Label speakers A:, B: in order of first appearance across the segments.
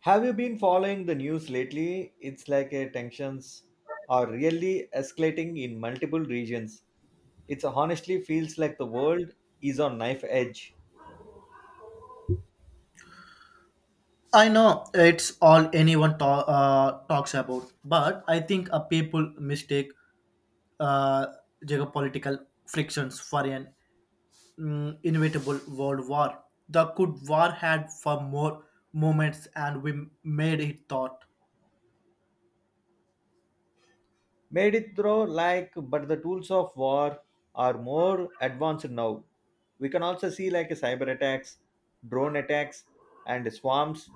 A: Have you been following the news lately? It's like a tensions are really escalating in multiple regions. It honestly feels like the world is on knife edge.
B: I know it's all anyone talks about, but I think a people mistake uh, geopolitical frictions for an inevitable world war. The good war had for more moments, and we made it thought.
A: Made it through, like, but the tools of war are more advanced now. We can also see like cyber attacks, drone attacks and swarms,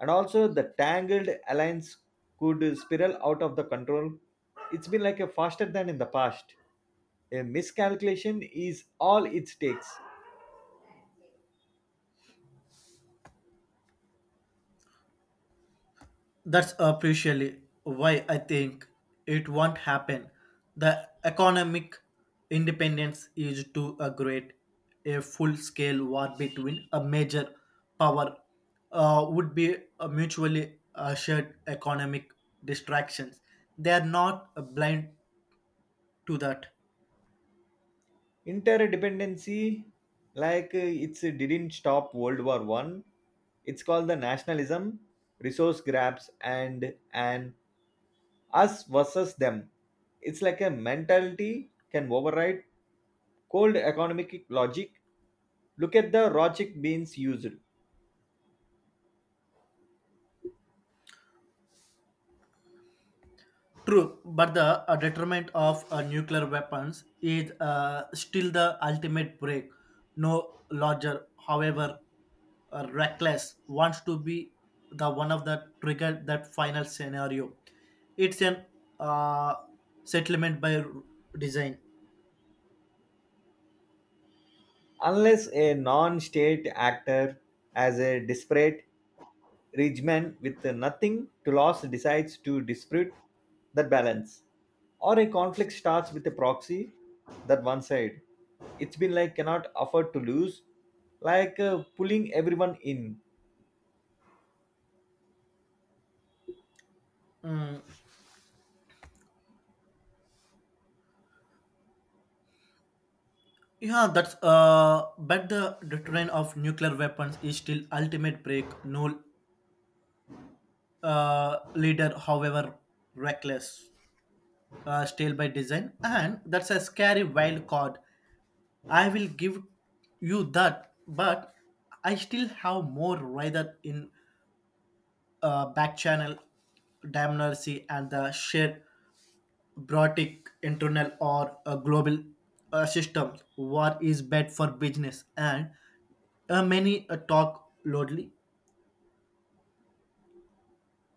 A: and also the tangled alliance could spiral out of the control. It's been like a faster than in the past. A miscalculation is all it takes.
B: That's officially why I think it won't happen. The economic independence is to a great a full-scale war between a major power would be a mutually assured economic distractions. They are not blind to that.
A: Interdependency, like it's it didn't stop world war one. It's called the nationalism, resource grabs and an us versus them. It's like a mentality can override cold economic logic. Look at the logic being used.
B: True, but the deterrent of nuclear weapons is still the ultimate break. No larger, however reckless, wants to be the one of the trigger that final scenario. It's an uh, settlement by design.
A: Unless a non state actor as a disparate rich with nothing to lose decides to dispute that balance, or a conflict starts with a proxy that one side, it's been like cannot afford to lose, like pulling everyone in.
B: Mm, yeah, that's but the deterrent of nuclear weapons is still ultimate break. No leader, however reckless. Stale by design, and that's a scary wild card. I will give you that, but I still have more rather in back channel damnarcy and the shared brotic internal or a global system. What is bad for business and many talk loudly.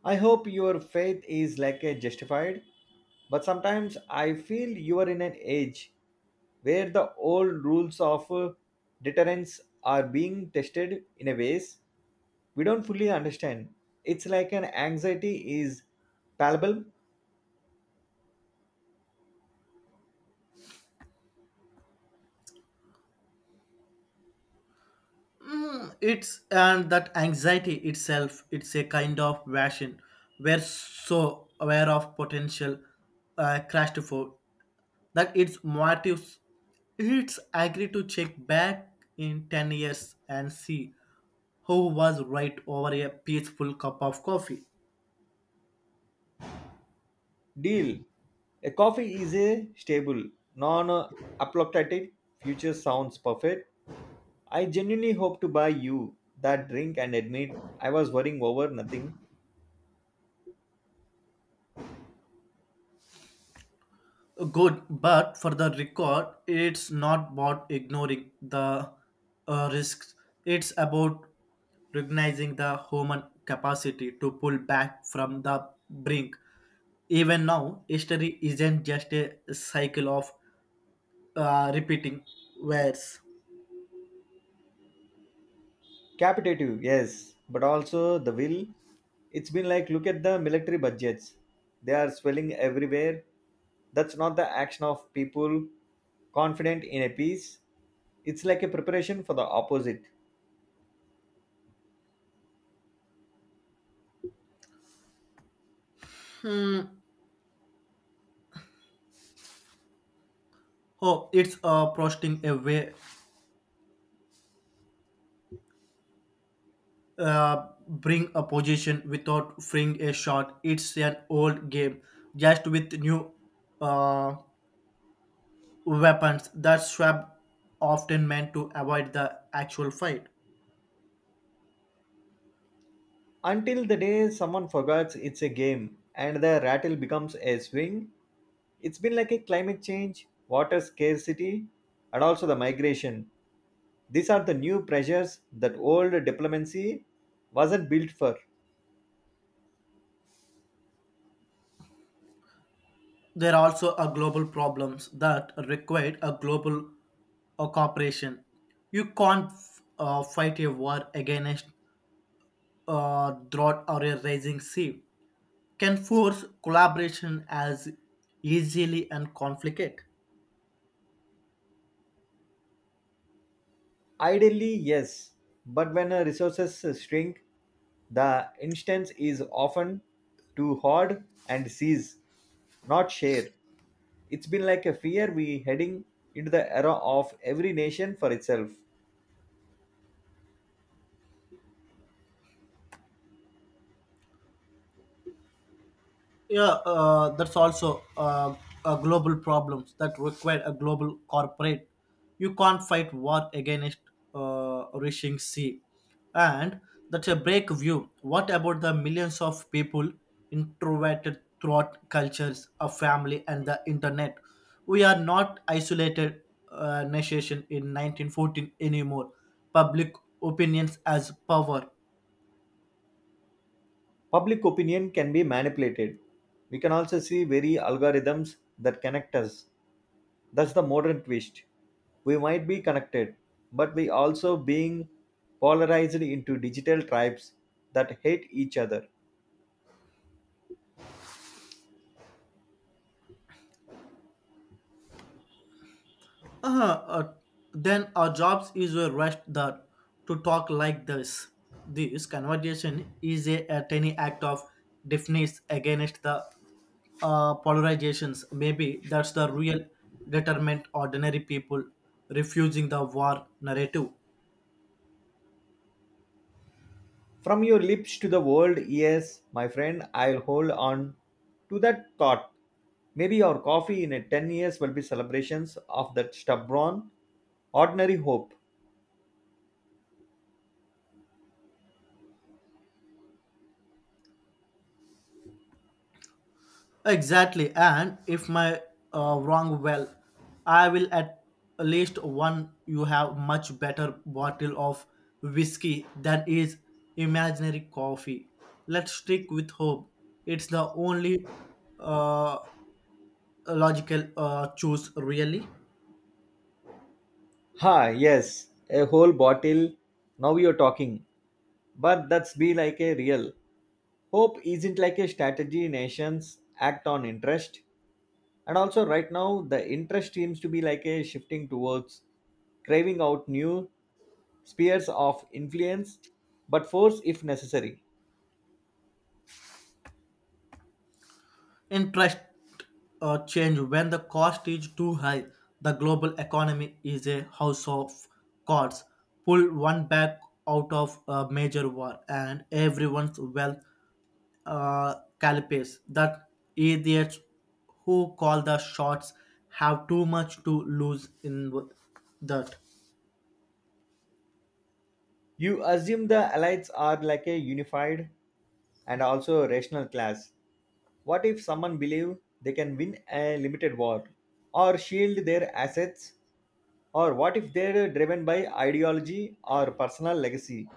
A: I hope your faith is like a justified, but sometimes I feel you are in an age where the old rules of deterrence are being tested in a ways we don't fully understand. It's like an anxiety is palpable.
B: It's and that anxiety itself, it's a kind of passion. We're so aware of potential crash to fall that its motives. It's agree to check back in 10 years and see who was right over a peaceful cup of coffee.
A: Deal. A coffee is a stable, non-apocalyptic future sounds perfect. I genuinely hope to buy you that drink and admit I was worrying over nothing.
B: Good, but for the record, it's not about ignoring the risks. It's about recognizing the human capacity to pull back from the brink. Even now, history isn't just a cycle of repeating words.
A: Capitative, yes, but also the will. It's been like look at the military budgets, they are swelling everywhere. That's not the action of people confident in a peace. It's like a preparation for the opposite
B: Hmm. Oh, it's posting a way, bring a position without freeing a shot. It's an old game, just with new uh, weapons that Schwab often meant to avoid the actual fight.
A: until the day someone forgets it's a game and the rattle becomes a swing. It's been like a climate change, water scarcity and also the migration. These are the new pressures that old diplomacy wasn't built for.
B: There are also a global problems that require a global cooperation. You can't fight a war against a drought or a rising sea. Can force collaboration as easily and conflict.
A: Ideally, yes, but when resources shrink, the instance is often to hoard and seize, not share. It's been like a fear we heading into the era of every nation for itself.
B: Yeah, that's also a global problems that require a global corporate. You can't fight war against rushing sea, and that's a break view. What about the millions of people introverted throughout cultures, a family, and the internet? We are not isolated nation in 1914 anymore. Public opinions as power.
A: Public opinion can be manipulated. We can also see very algorithms that connect us. That's the modern twist. We might be connected, but we also being polarized into digital tribes that hate each other.
B: Uh, uh, then our jobs is a rest that to talk like this. This conversation is a tiny act of deafness against the polarizations. Maybe that's the real determinant ordinary people refusing the war narrative.
A: From your lips to the world, yes, my friend, I'll hold on to that thought. Maybe our coffee in a 10 years will be celebrations of that stubborn, ordinary hope.
B: Exactly, and if my wrong well, I will at least one you have much better bottle of whiskey than is imaginary coffee. Let's stick with hope. It's the only uh, logical choice, really.
A: Ha, yes, a whole bottle. Now you're talking. But that's be like a real. Hope isn't like a strategy, nations act on interest. And also right now the interest seems to be like a shifting towards craving out new spheres of influence, but force if necessary.
B: Interest change when the cost is too high. The global economy is a house of cards. Pull one back out of a major war, and everyone's wealth calipes. That idiots who call the shots have too much to lose in that.
A: You assume the elites are like a unified and also rational class. What if someone believe they can win a limited war or shield their assets? Or what if they're driven by ideology or personal legacy,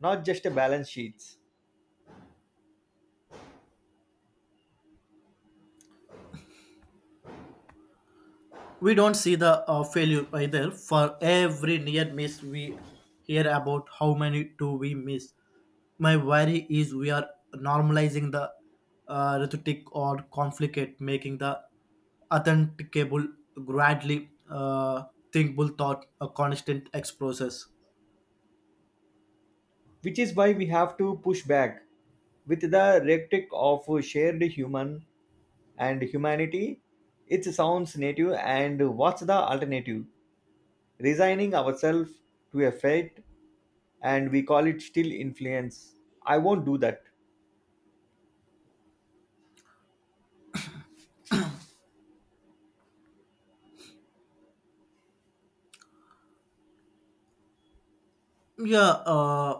A: not just balance sheets?
B: We don't see the failure either. For every near miss we hear about, how many do we miss? My worry is we are normalizing the rhetoric or conflict, making the authenticable gradually thinkable thought a constant ex process.
A: Which is why we have to push back with the rhetoric of shared human and humanity. It sounds native, and what's the alternative? Resigning ourselves to a fate and we call it still influence. I won't do that.
B: Yeah,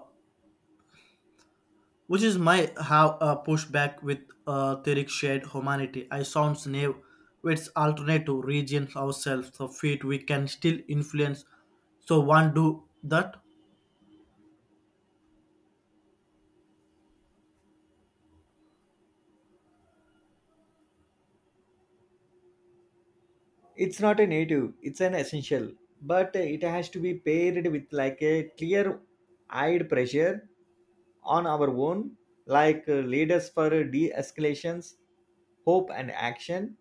B: which is my how pushback with Tariq shared humanity. I sounds naive. It's alternate to region ourselves. So feet we can still influence. So one do that.
A: It's not a native, it's an essential, but it has to be paired with like a clear eyed pressure on our own like leaders for de-escalations. Hope and action,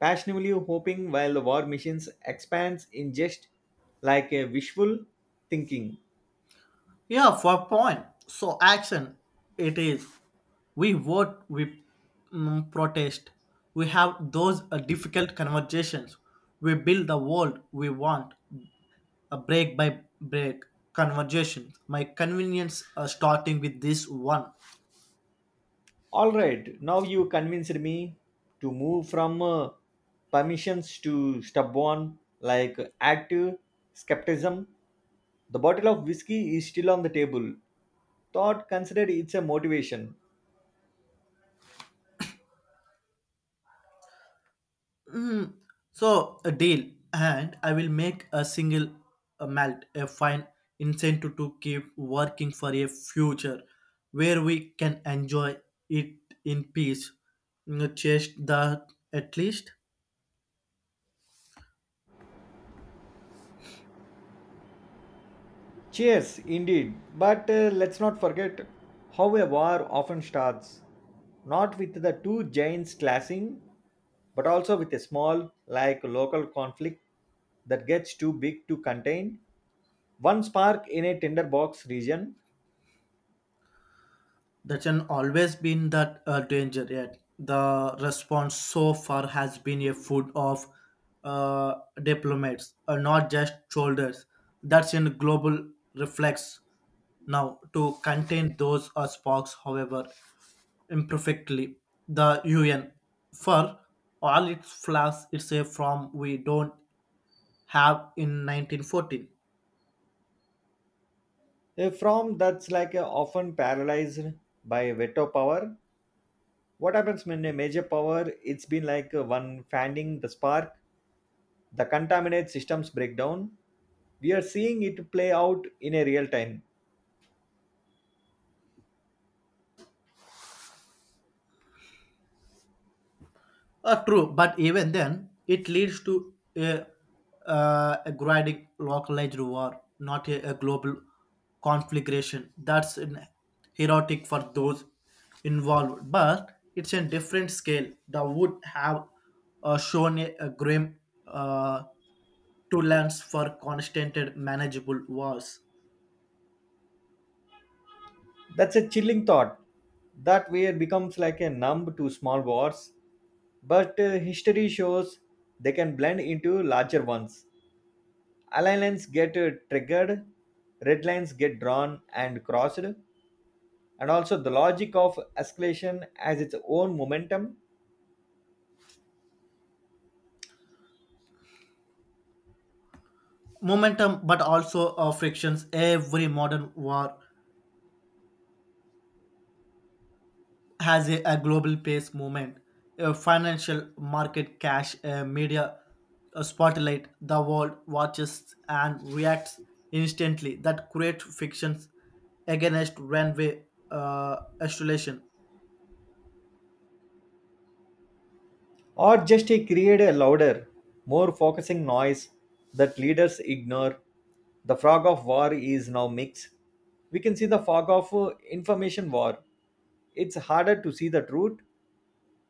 A: passionately hoping while the war machines expands in just like a wishful thinking.
B: Yeah, for point. So action. It is. We vote. We protest. We have those difficult conversations. We build the world we want. A break by break conversations. My convenience starting with this one.
A: All right, now you convinced me to move from permissions to stubborn, like active skepticism. The bottle of whiskey is still on the table. Thought considered, it's a motivation.
B: So a deal, and I will make a single malt a fine incentive to keep working for a future where we can enjoy it in peace. Chase that at least.
A: Cheers, indeed. But let's not forget how a war often starts. Not with the two giants clashing, but also with a small, like local conflict that gets too big to contain. One spark in a tinderbox region,
B: That's an always been that danger. Yet the response so far has been a food of uh, diplomats, not just shoulders. That's in global reflex now to contain those sparks, however imperfectly. The UN, for all its flaws, it's a from we don't have in 1914.
A: a from that's like a often paralyzed by veto power. What happens when a major power? It's been like one fanning the spark, the contaminate systems breakdown. We are seeing it play out in a real time.
B: True, but even then, it leads to a grinding localized war, not a global conflagration. That's an heroic for those involved, but it's a different scale that would have shown a grim uh, tolerance for constant and manageable wars.
A: That's a chilling thought. That we are becomes like a numb to small wars, but history shows they can blend into larger ones. Alignments get triggered, red lines get drawn and crossed, and also the logic of escalation has its own momentum,
B: Momentum, but also frictions. Every modern war has a global pace movement. Financial market, cash, media, spotlight, the world watches and reacts instantly. That create fictions against runway isolation.
A: or just create a louder, more focusing noise that leaders ignore. The fog of war is now mixed. We can see the fog of information war. It's harder to see the truth,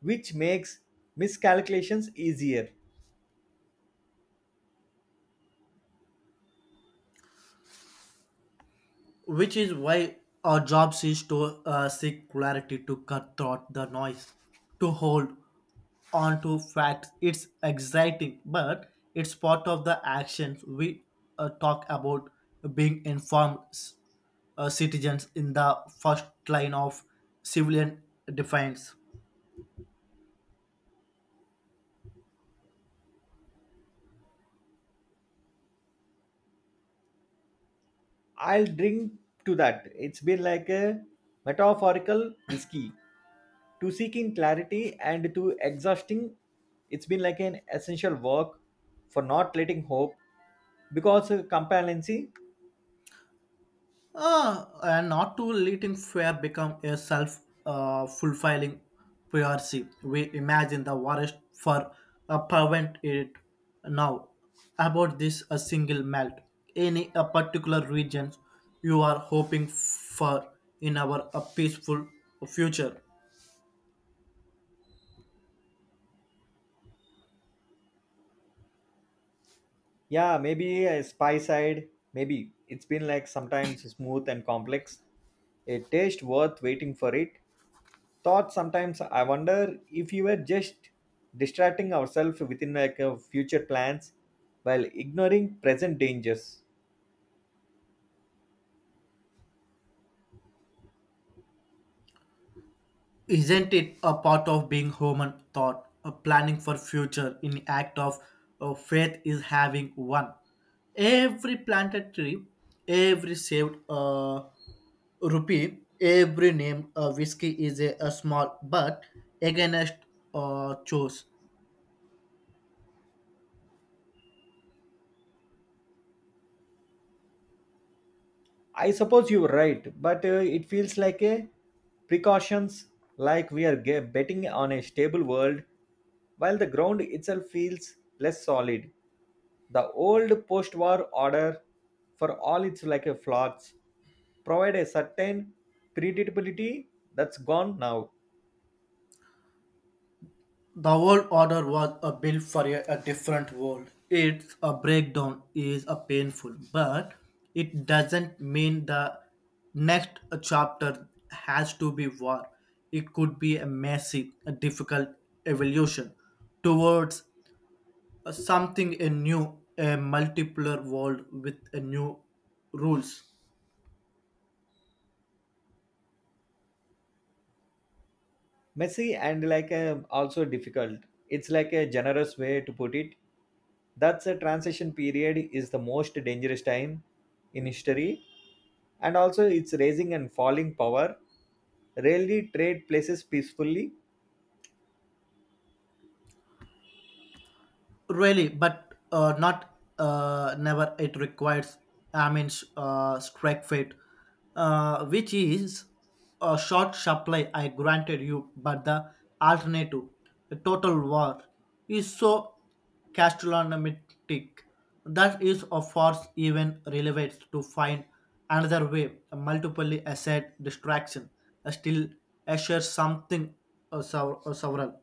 A: which makes miscalculations easier.
B: Which is why our job is to seek clarity, to cut through the noise, to hold on to facts. It's exciting, but it's part of the actions we talk about, being informed citizens in the first line of civilian defense.
A: I'll drink to that. It's been like a metaphorical whiskey to seeking clarity and to exhausting. It's been like an essential work for not letting hope because complacency.
B: And not to letting fear become a self fulfilling prophecy. We imagine the worst for prevent it now. About this, a single melt. Any a particular regions you are hoping for in our a peaceful future?
A: Yeah, maybe a spy side. Maybe it's been like sometimes smooth and complex. A taste worth waiting for it. Thought sometimes I wonder if you were just distracting ourselves within like future plans while ignoring present dangers.
B: Isn't it a part of being human thought, a planning for future in act of faith is having one. Every planted tree, every saved rupee, every name a whiskey is a small but against chose.
A: I suppose you're right, but it feels like a precautions, like we are betting on a stable world, while the ground itself feels less solid. The old post-war order, for all its like a flaws, provide a certain predictability that's gone now.
B: The world order was a built for a different world. It's a breakdown is a painful, but it doesn't mean the next chapter has to be war. It could be a messy, a difficult evolution towards something a new, a multipolar world with a new rules.
A: Messy and like also difficult, it's like a generous way to put it. That's a transition period is the most dangerous time in history, and also it's raising and falling power rarely trade places peacefully.
B: Really, but not never it requires, I mean strike fate, which is a short supply I granted you, but the alternative, a total war, is so gastronomic that is of force even relevant to find another way, a multiple asset distraction still assure something several.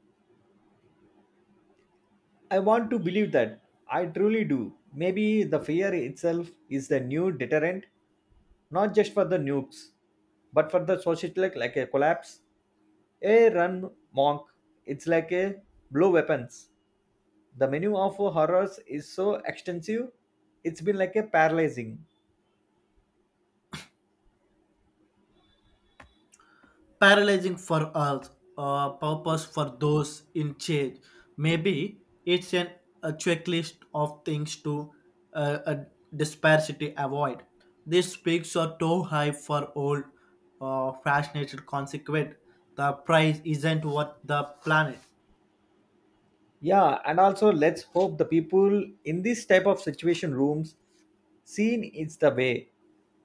A: I want to believe that, I truly do. Maybe the fear itself is the new deterrent, not just for the nukes but for the society like a collapse, a run monk. It's like a blow weapons. The menu of horrors is so extensive, it's been like a paralyzing.
B: Paralyzing for us, purpose for those in change. Maybe it's an a checklist of things to a disparity avoid. These peaks are too high for old, fascinated consequent. The price isn't worth the planet.
A: Yeah, and also let's hope the people in this type of situation rooms seen is the way,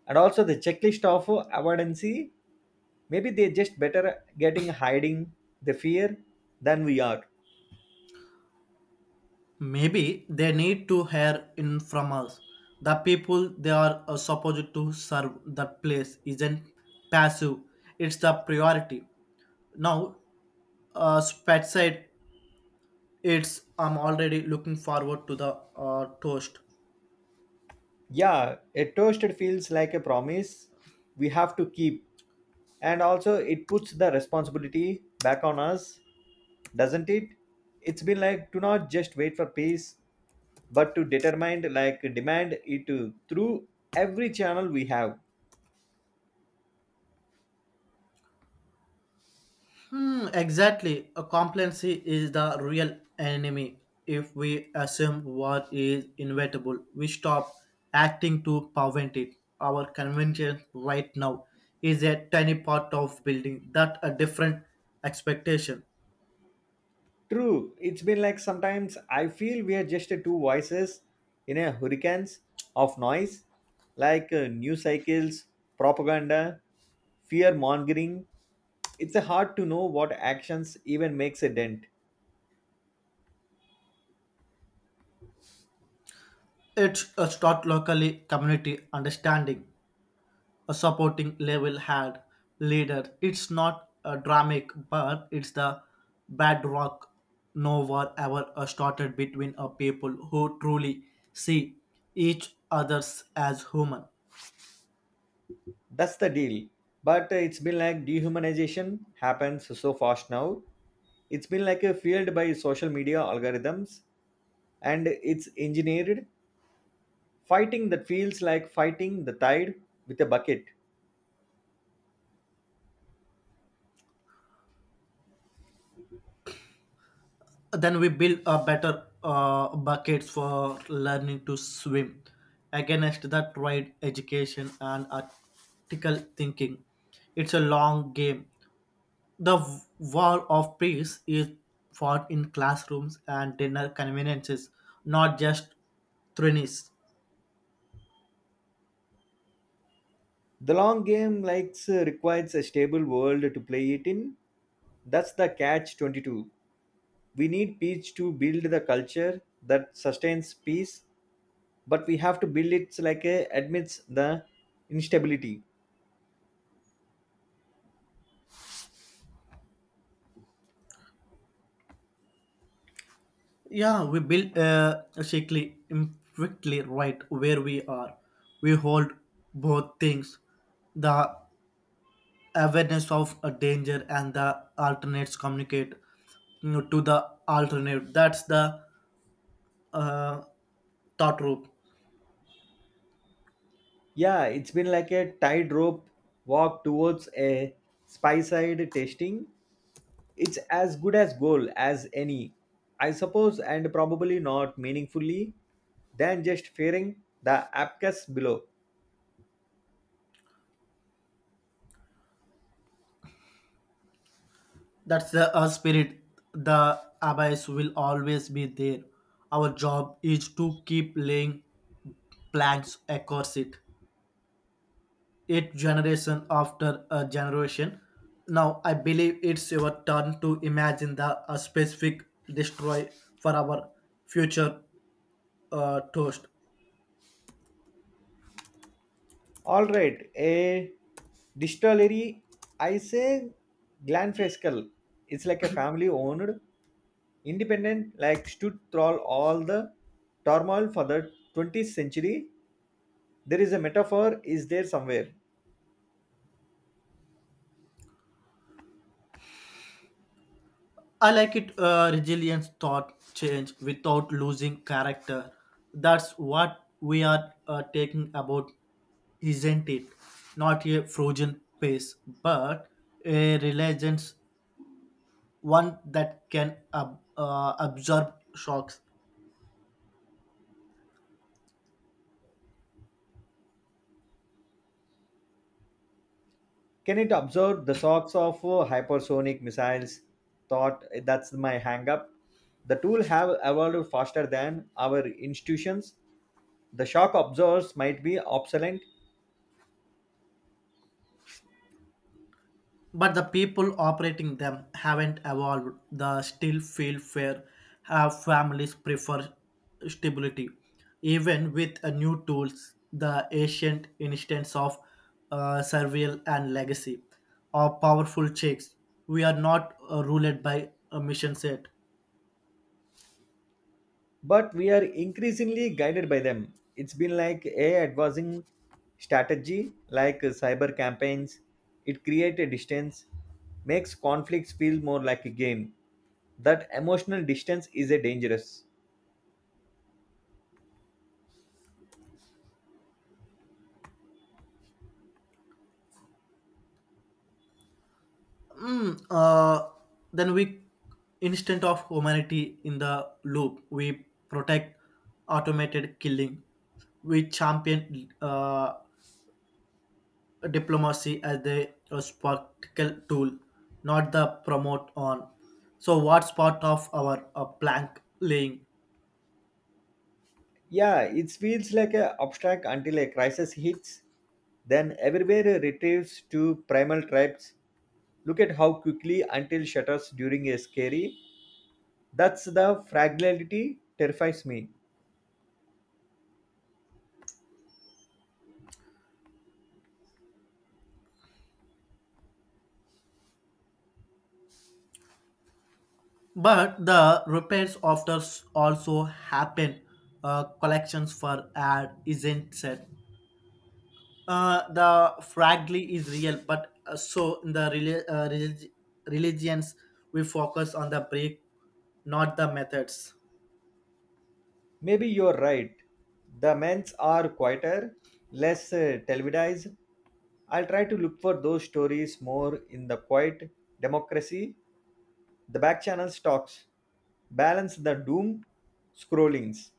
A: and also the checklist of avoidancy. Maybe they just better getting hiding the fear than we are.
B: Maybe they need to hear in from us. The people they are supposed to serve, the place isn't passive, it's the priority. Now, Spetside, it's I'm already looking forward to the toast.
A: Yeah, a toasted feels like a promise we have to keep, and also it puts the responsibility back on us, doesn't it? It's been like do not just wait for peace but to determine like demand it through every channel we have.
B: Hmm, exactly. A complacency is the real enemy. If we assume what is inevitable, we stop acting to prevent it. Our convention right now is a tiny part of building that a different expectation.
A: True, it's been like sometimes I feel we are just two voices in a hurricanes of noise, like news cycles, propaganda, fear mongering. It's hard to know what actions even makes a dent.
B: It's a start locally community understanding. A supporting level had leader. It's not a dramatic, but it's the bedrock. No war ever started between a people who truly see each others as human.
A: That's the deal, but it's been like dehumanization happens so fast now. It's been like a fueled by social media algorithms and it's engineered. Fighting that feels like fighting the tide with a bucket.
B: Then we build a better buckets for learning to swim against the trade education and article thinking. It's a long game. The war of peace is fought in classrooms and dinner conveniences, not just thrones.
A: The long game likes requires a stable world to play it in. That's the catch 22. We need peace to build the culture that sustains peace, but we have to build it like a admits the instability.
B: Yeah, we build a shakily, imperfectly, right where we are. We hold both things, the awareness of a danger and the alternates communicate, to the alternate. That's the uh, thought loop.
A: Yeah, it's been like a tightrope walk towards a spy side tasting. It's as good as goal as any, I suppose, and probably not meaningfully than just fearing the abacus below.
B: That's the spirit. The abyss will always be there. Our job is to keep laying planks across it, it generation after a generation. Now I believe it's your turn to imagine the a specific destroy for our future toast.
A: All right, a distillery, I say Glanfescal. It's like a family owned, independent, like stood through all the turmoil for the 20th century. There is a metaphor, is there somewhere?
B: I like it, resilience thought change without losing character. That's what we are taking about, isn't it? Not a frozen pace, but a religious one that can absorb shocks.
A: Can it absorb the shocks of hypersonic missiles? Thought that's my hang up. The tool have evolved faster than our institutions. The shock absorbers might be obsolete,
B: But the people operating them haven't evolved. The still feel fair. Have families prefer stability, even with new tools. The ancient instance of survival and legacy, or powerful checks. We are not ruled by a mission set.
A: but we are increasingly guided by them. It's been like a advancing strategy, like cyber campaigns. It creates a distance, makes conflicts feel more like a game. That emotional distance is a dangerous.
B: Mm, uh, then we instant of humanity in the loop. We protect automated killing. We champion diplomacy as a practical tool, not the promote on. So what's part of our plank laying?
A: Yeah, it feels like a abstract until a crisis hits. Then everywhere retrieves to primal tribes. Look at how quickly until shutters during a scary. That's the fragility terrifies me.
B: But the repairs after also happen. Collections for ad isn't set. The fragly is real, but so in the religions we focus on the break, not the methods.
A: Maybe you're right. The men's are quieter, less televised. I'll try to look for those stories more in the quiet democracy, the back channel stocks, balance the doom scrollings.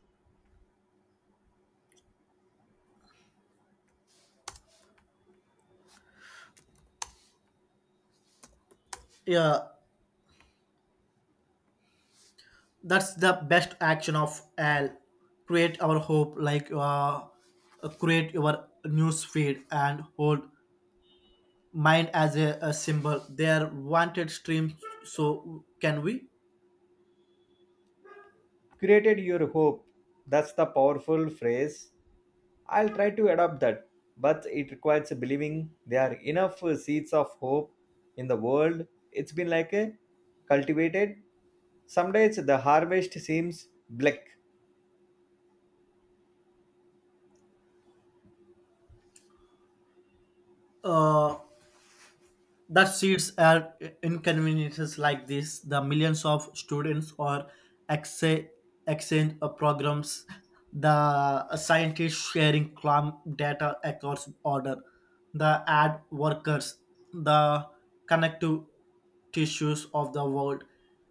B: Yeah, that's the best action of al, create our hope like create your news feed and hold mind as a symbol they are wanted streams so can we,
A: Created your hope, that's the powerful phrase. I'll try to adopt that, but it requires believing there are enough seeds of hope in the world. It's been like a cultivated. Some days the harvest seems bleak.
B: uh, that seats are inconveniences like this, the millions of students or exe- exchange programs, the scientists sharing clam data across order, the ad workers, the connective tissues of the world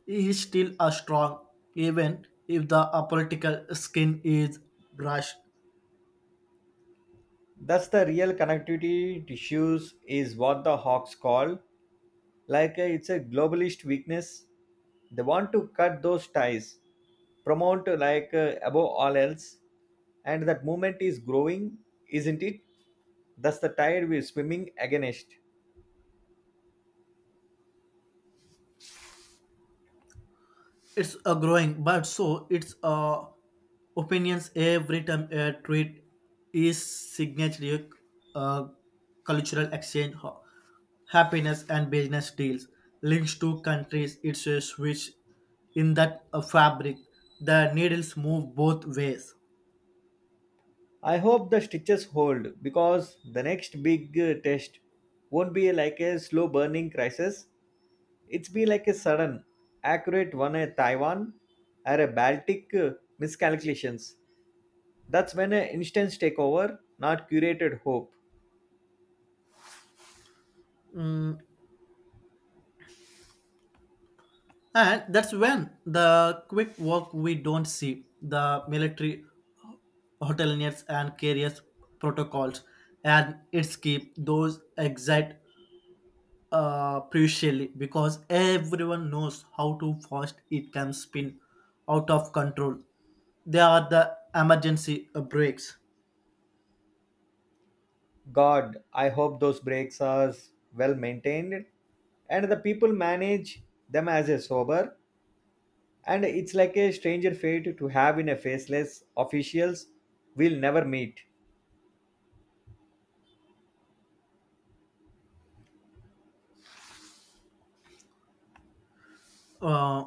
B: is still a strong, even if the political skin is brushed.
A: Thus, the real connectivity tissues is what the hawks call. Like it's a globalist weakness. They want to cut those ties, promote like above all else, and that movement is growing, isn't it? That's the tide we're swimming against.
B: It's a growing, but so it's opinions. Every time a tweet is signature, uh, cultural exchange, happiness and business deals links to countries, it's a switch in that fabric. The needles move both ways.
A: I hope the stitches hold because the next big test won't be like a slow burning crisis. It's be like a sudden, accurate one, a Taiwan or a Baltic miscalculations. That's when an instance take over, not curated hope.
B: Mm, And that's when the quick work we don't see, the military hoteliers and carriers protocols, and its keep those exact crucially, because everyone knows how too fast it can spin out of control. They are the emergency brakes.
A: God, I hope those breaks are well maintained and the people manage them as a sober, and it's like a stranger fate to have in a faceless officials we'll never meet.
B: Uh,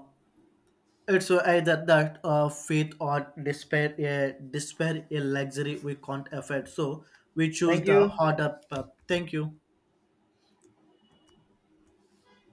B: it's either that faith or despair, a despair a luxury we can't afford. So we choose
A: Thank
B: the
A: you.
B: harder path. Thank you.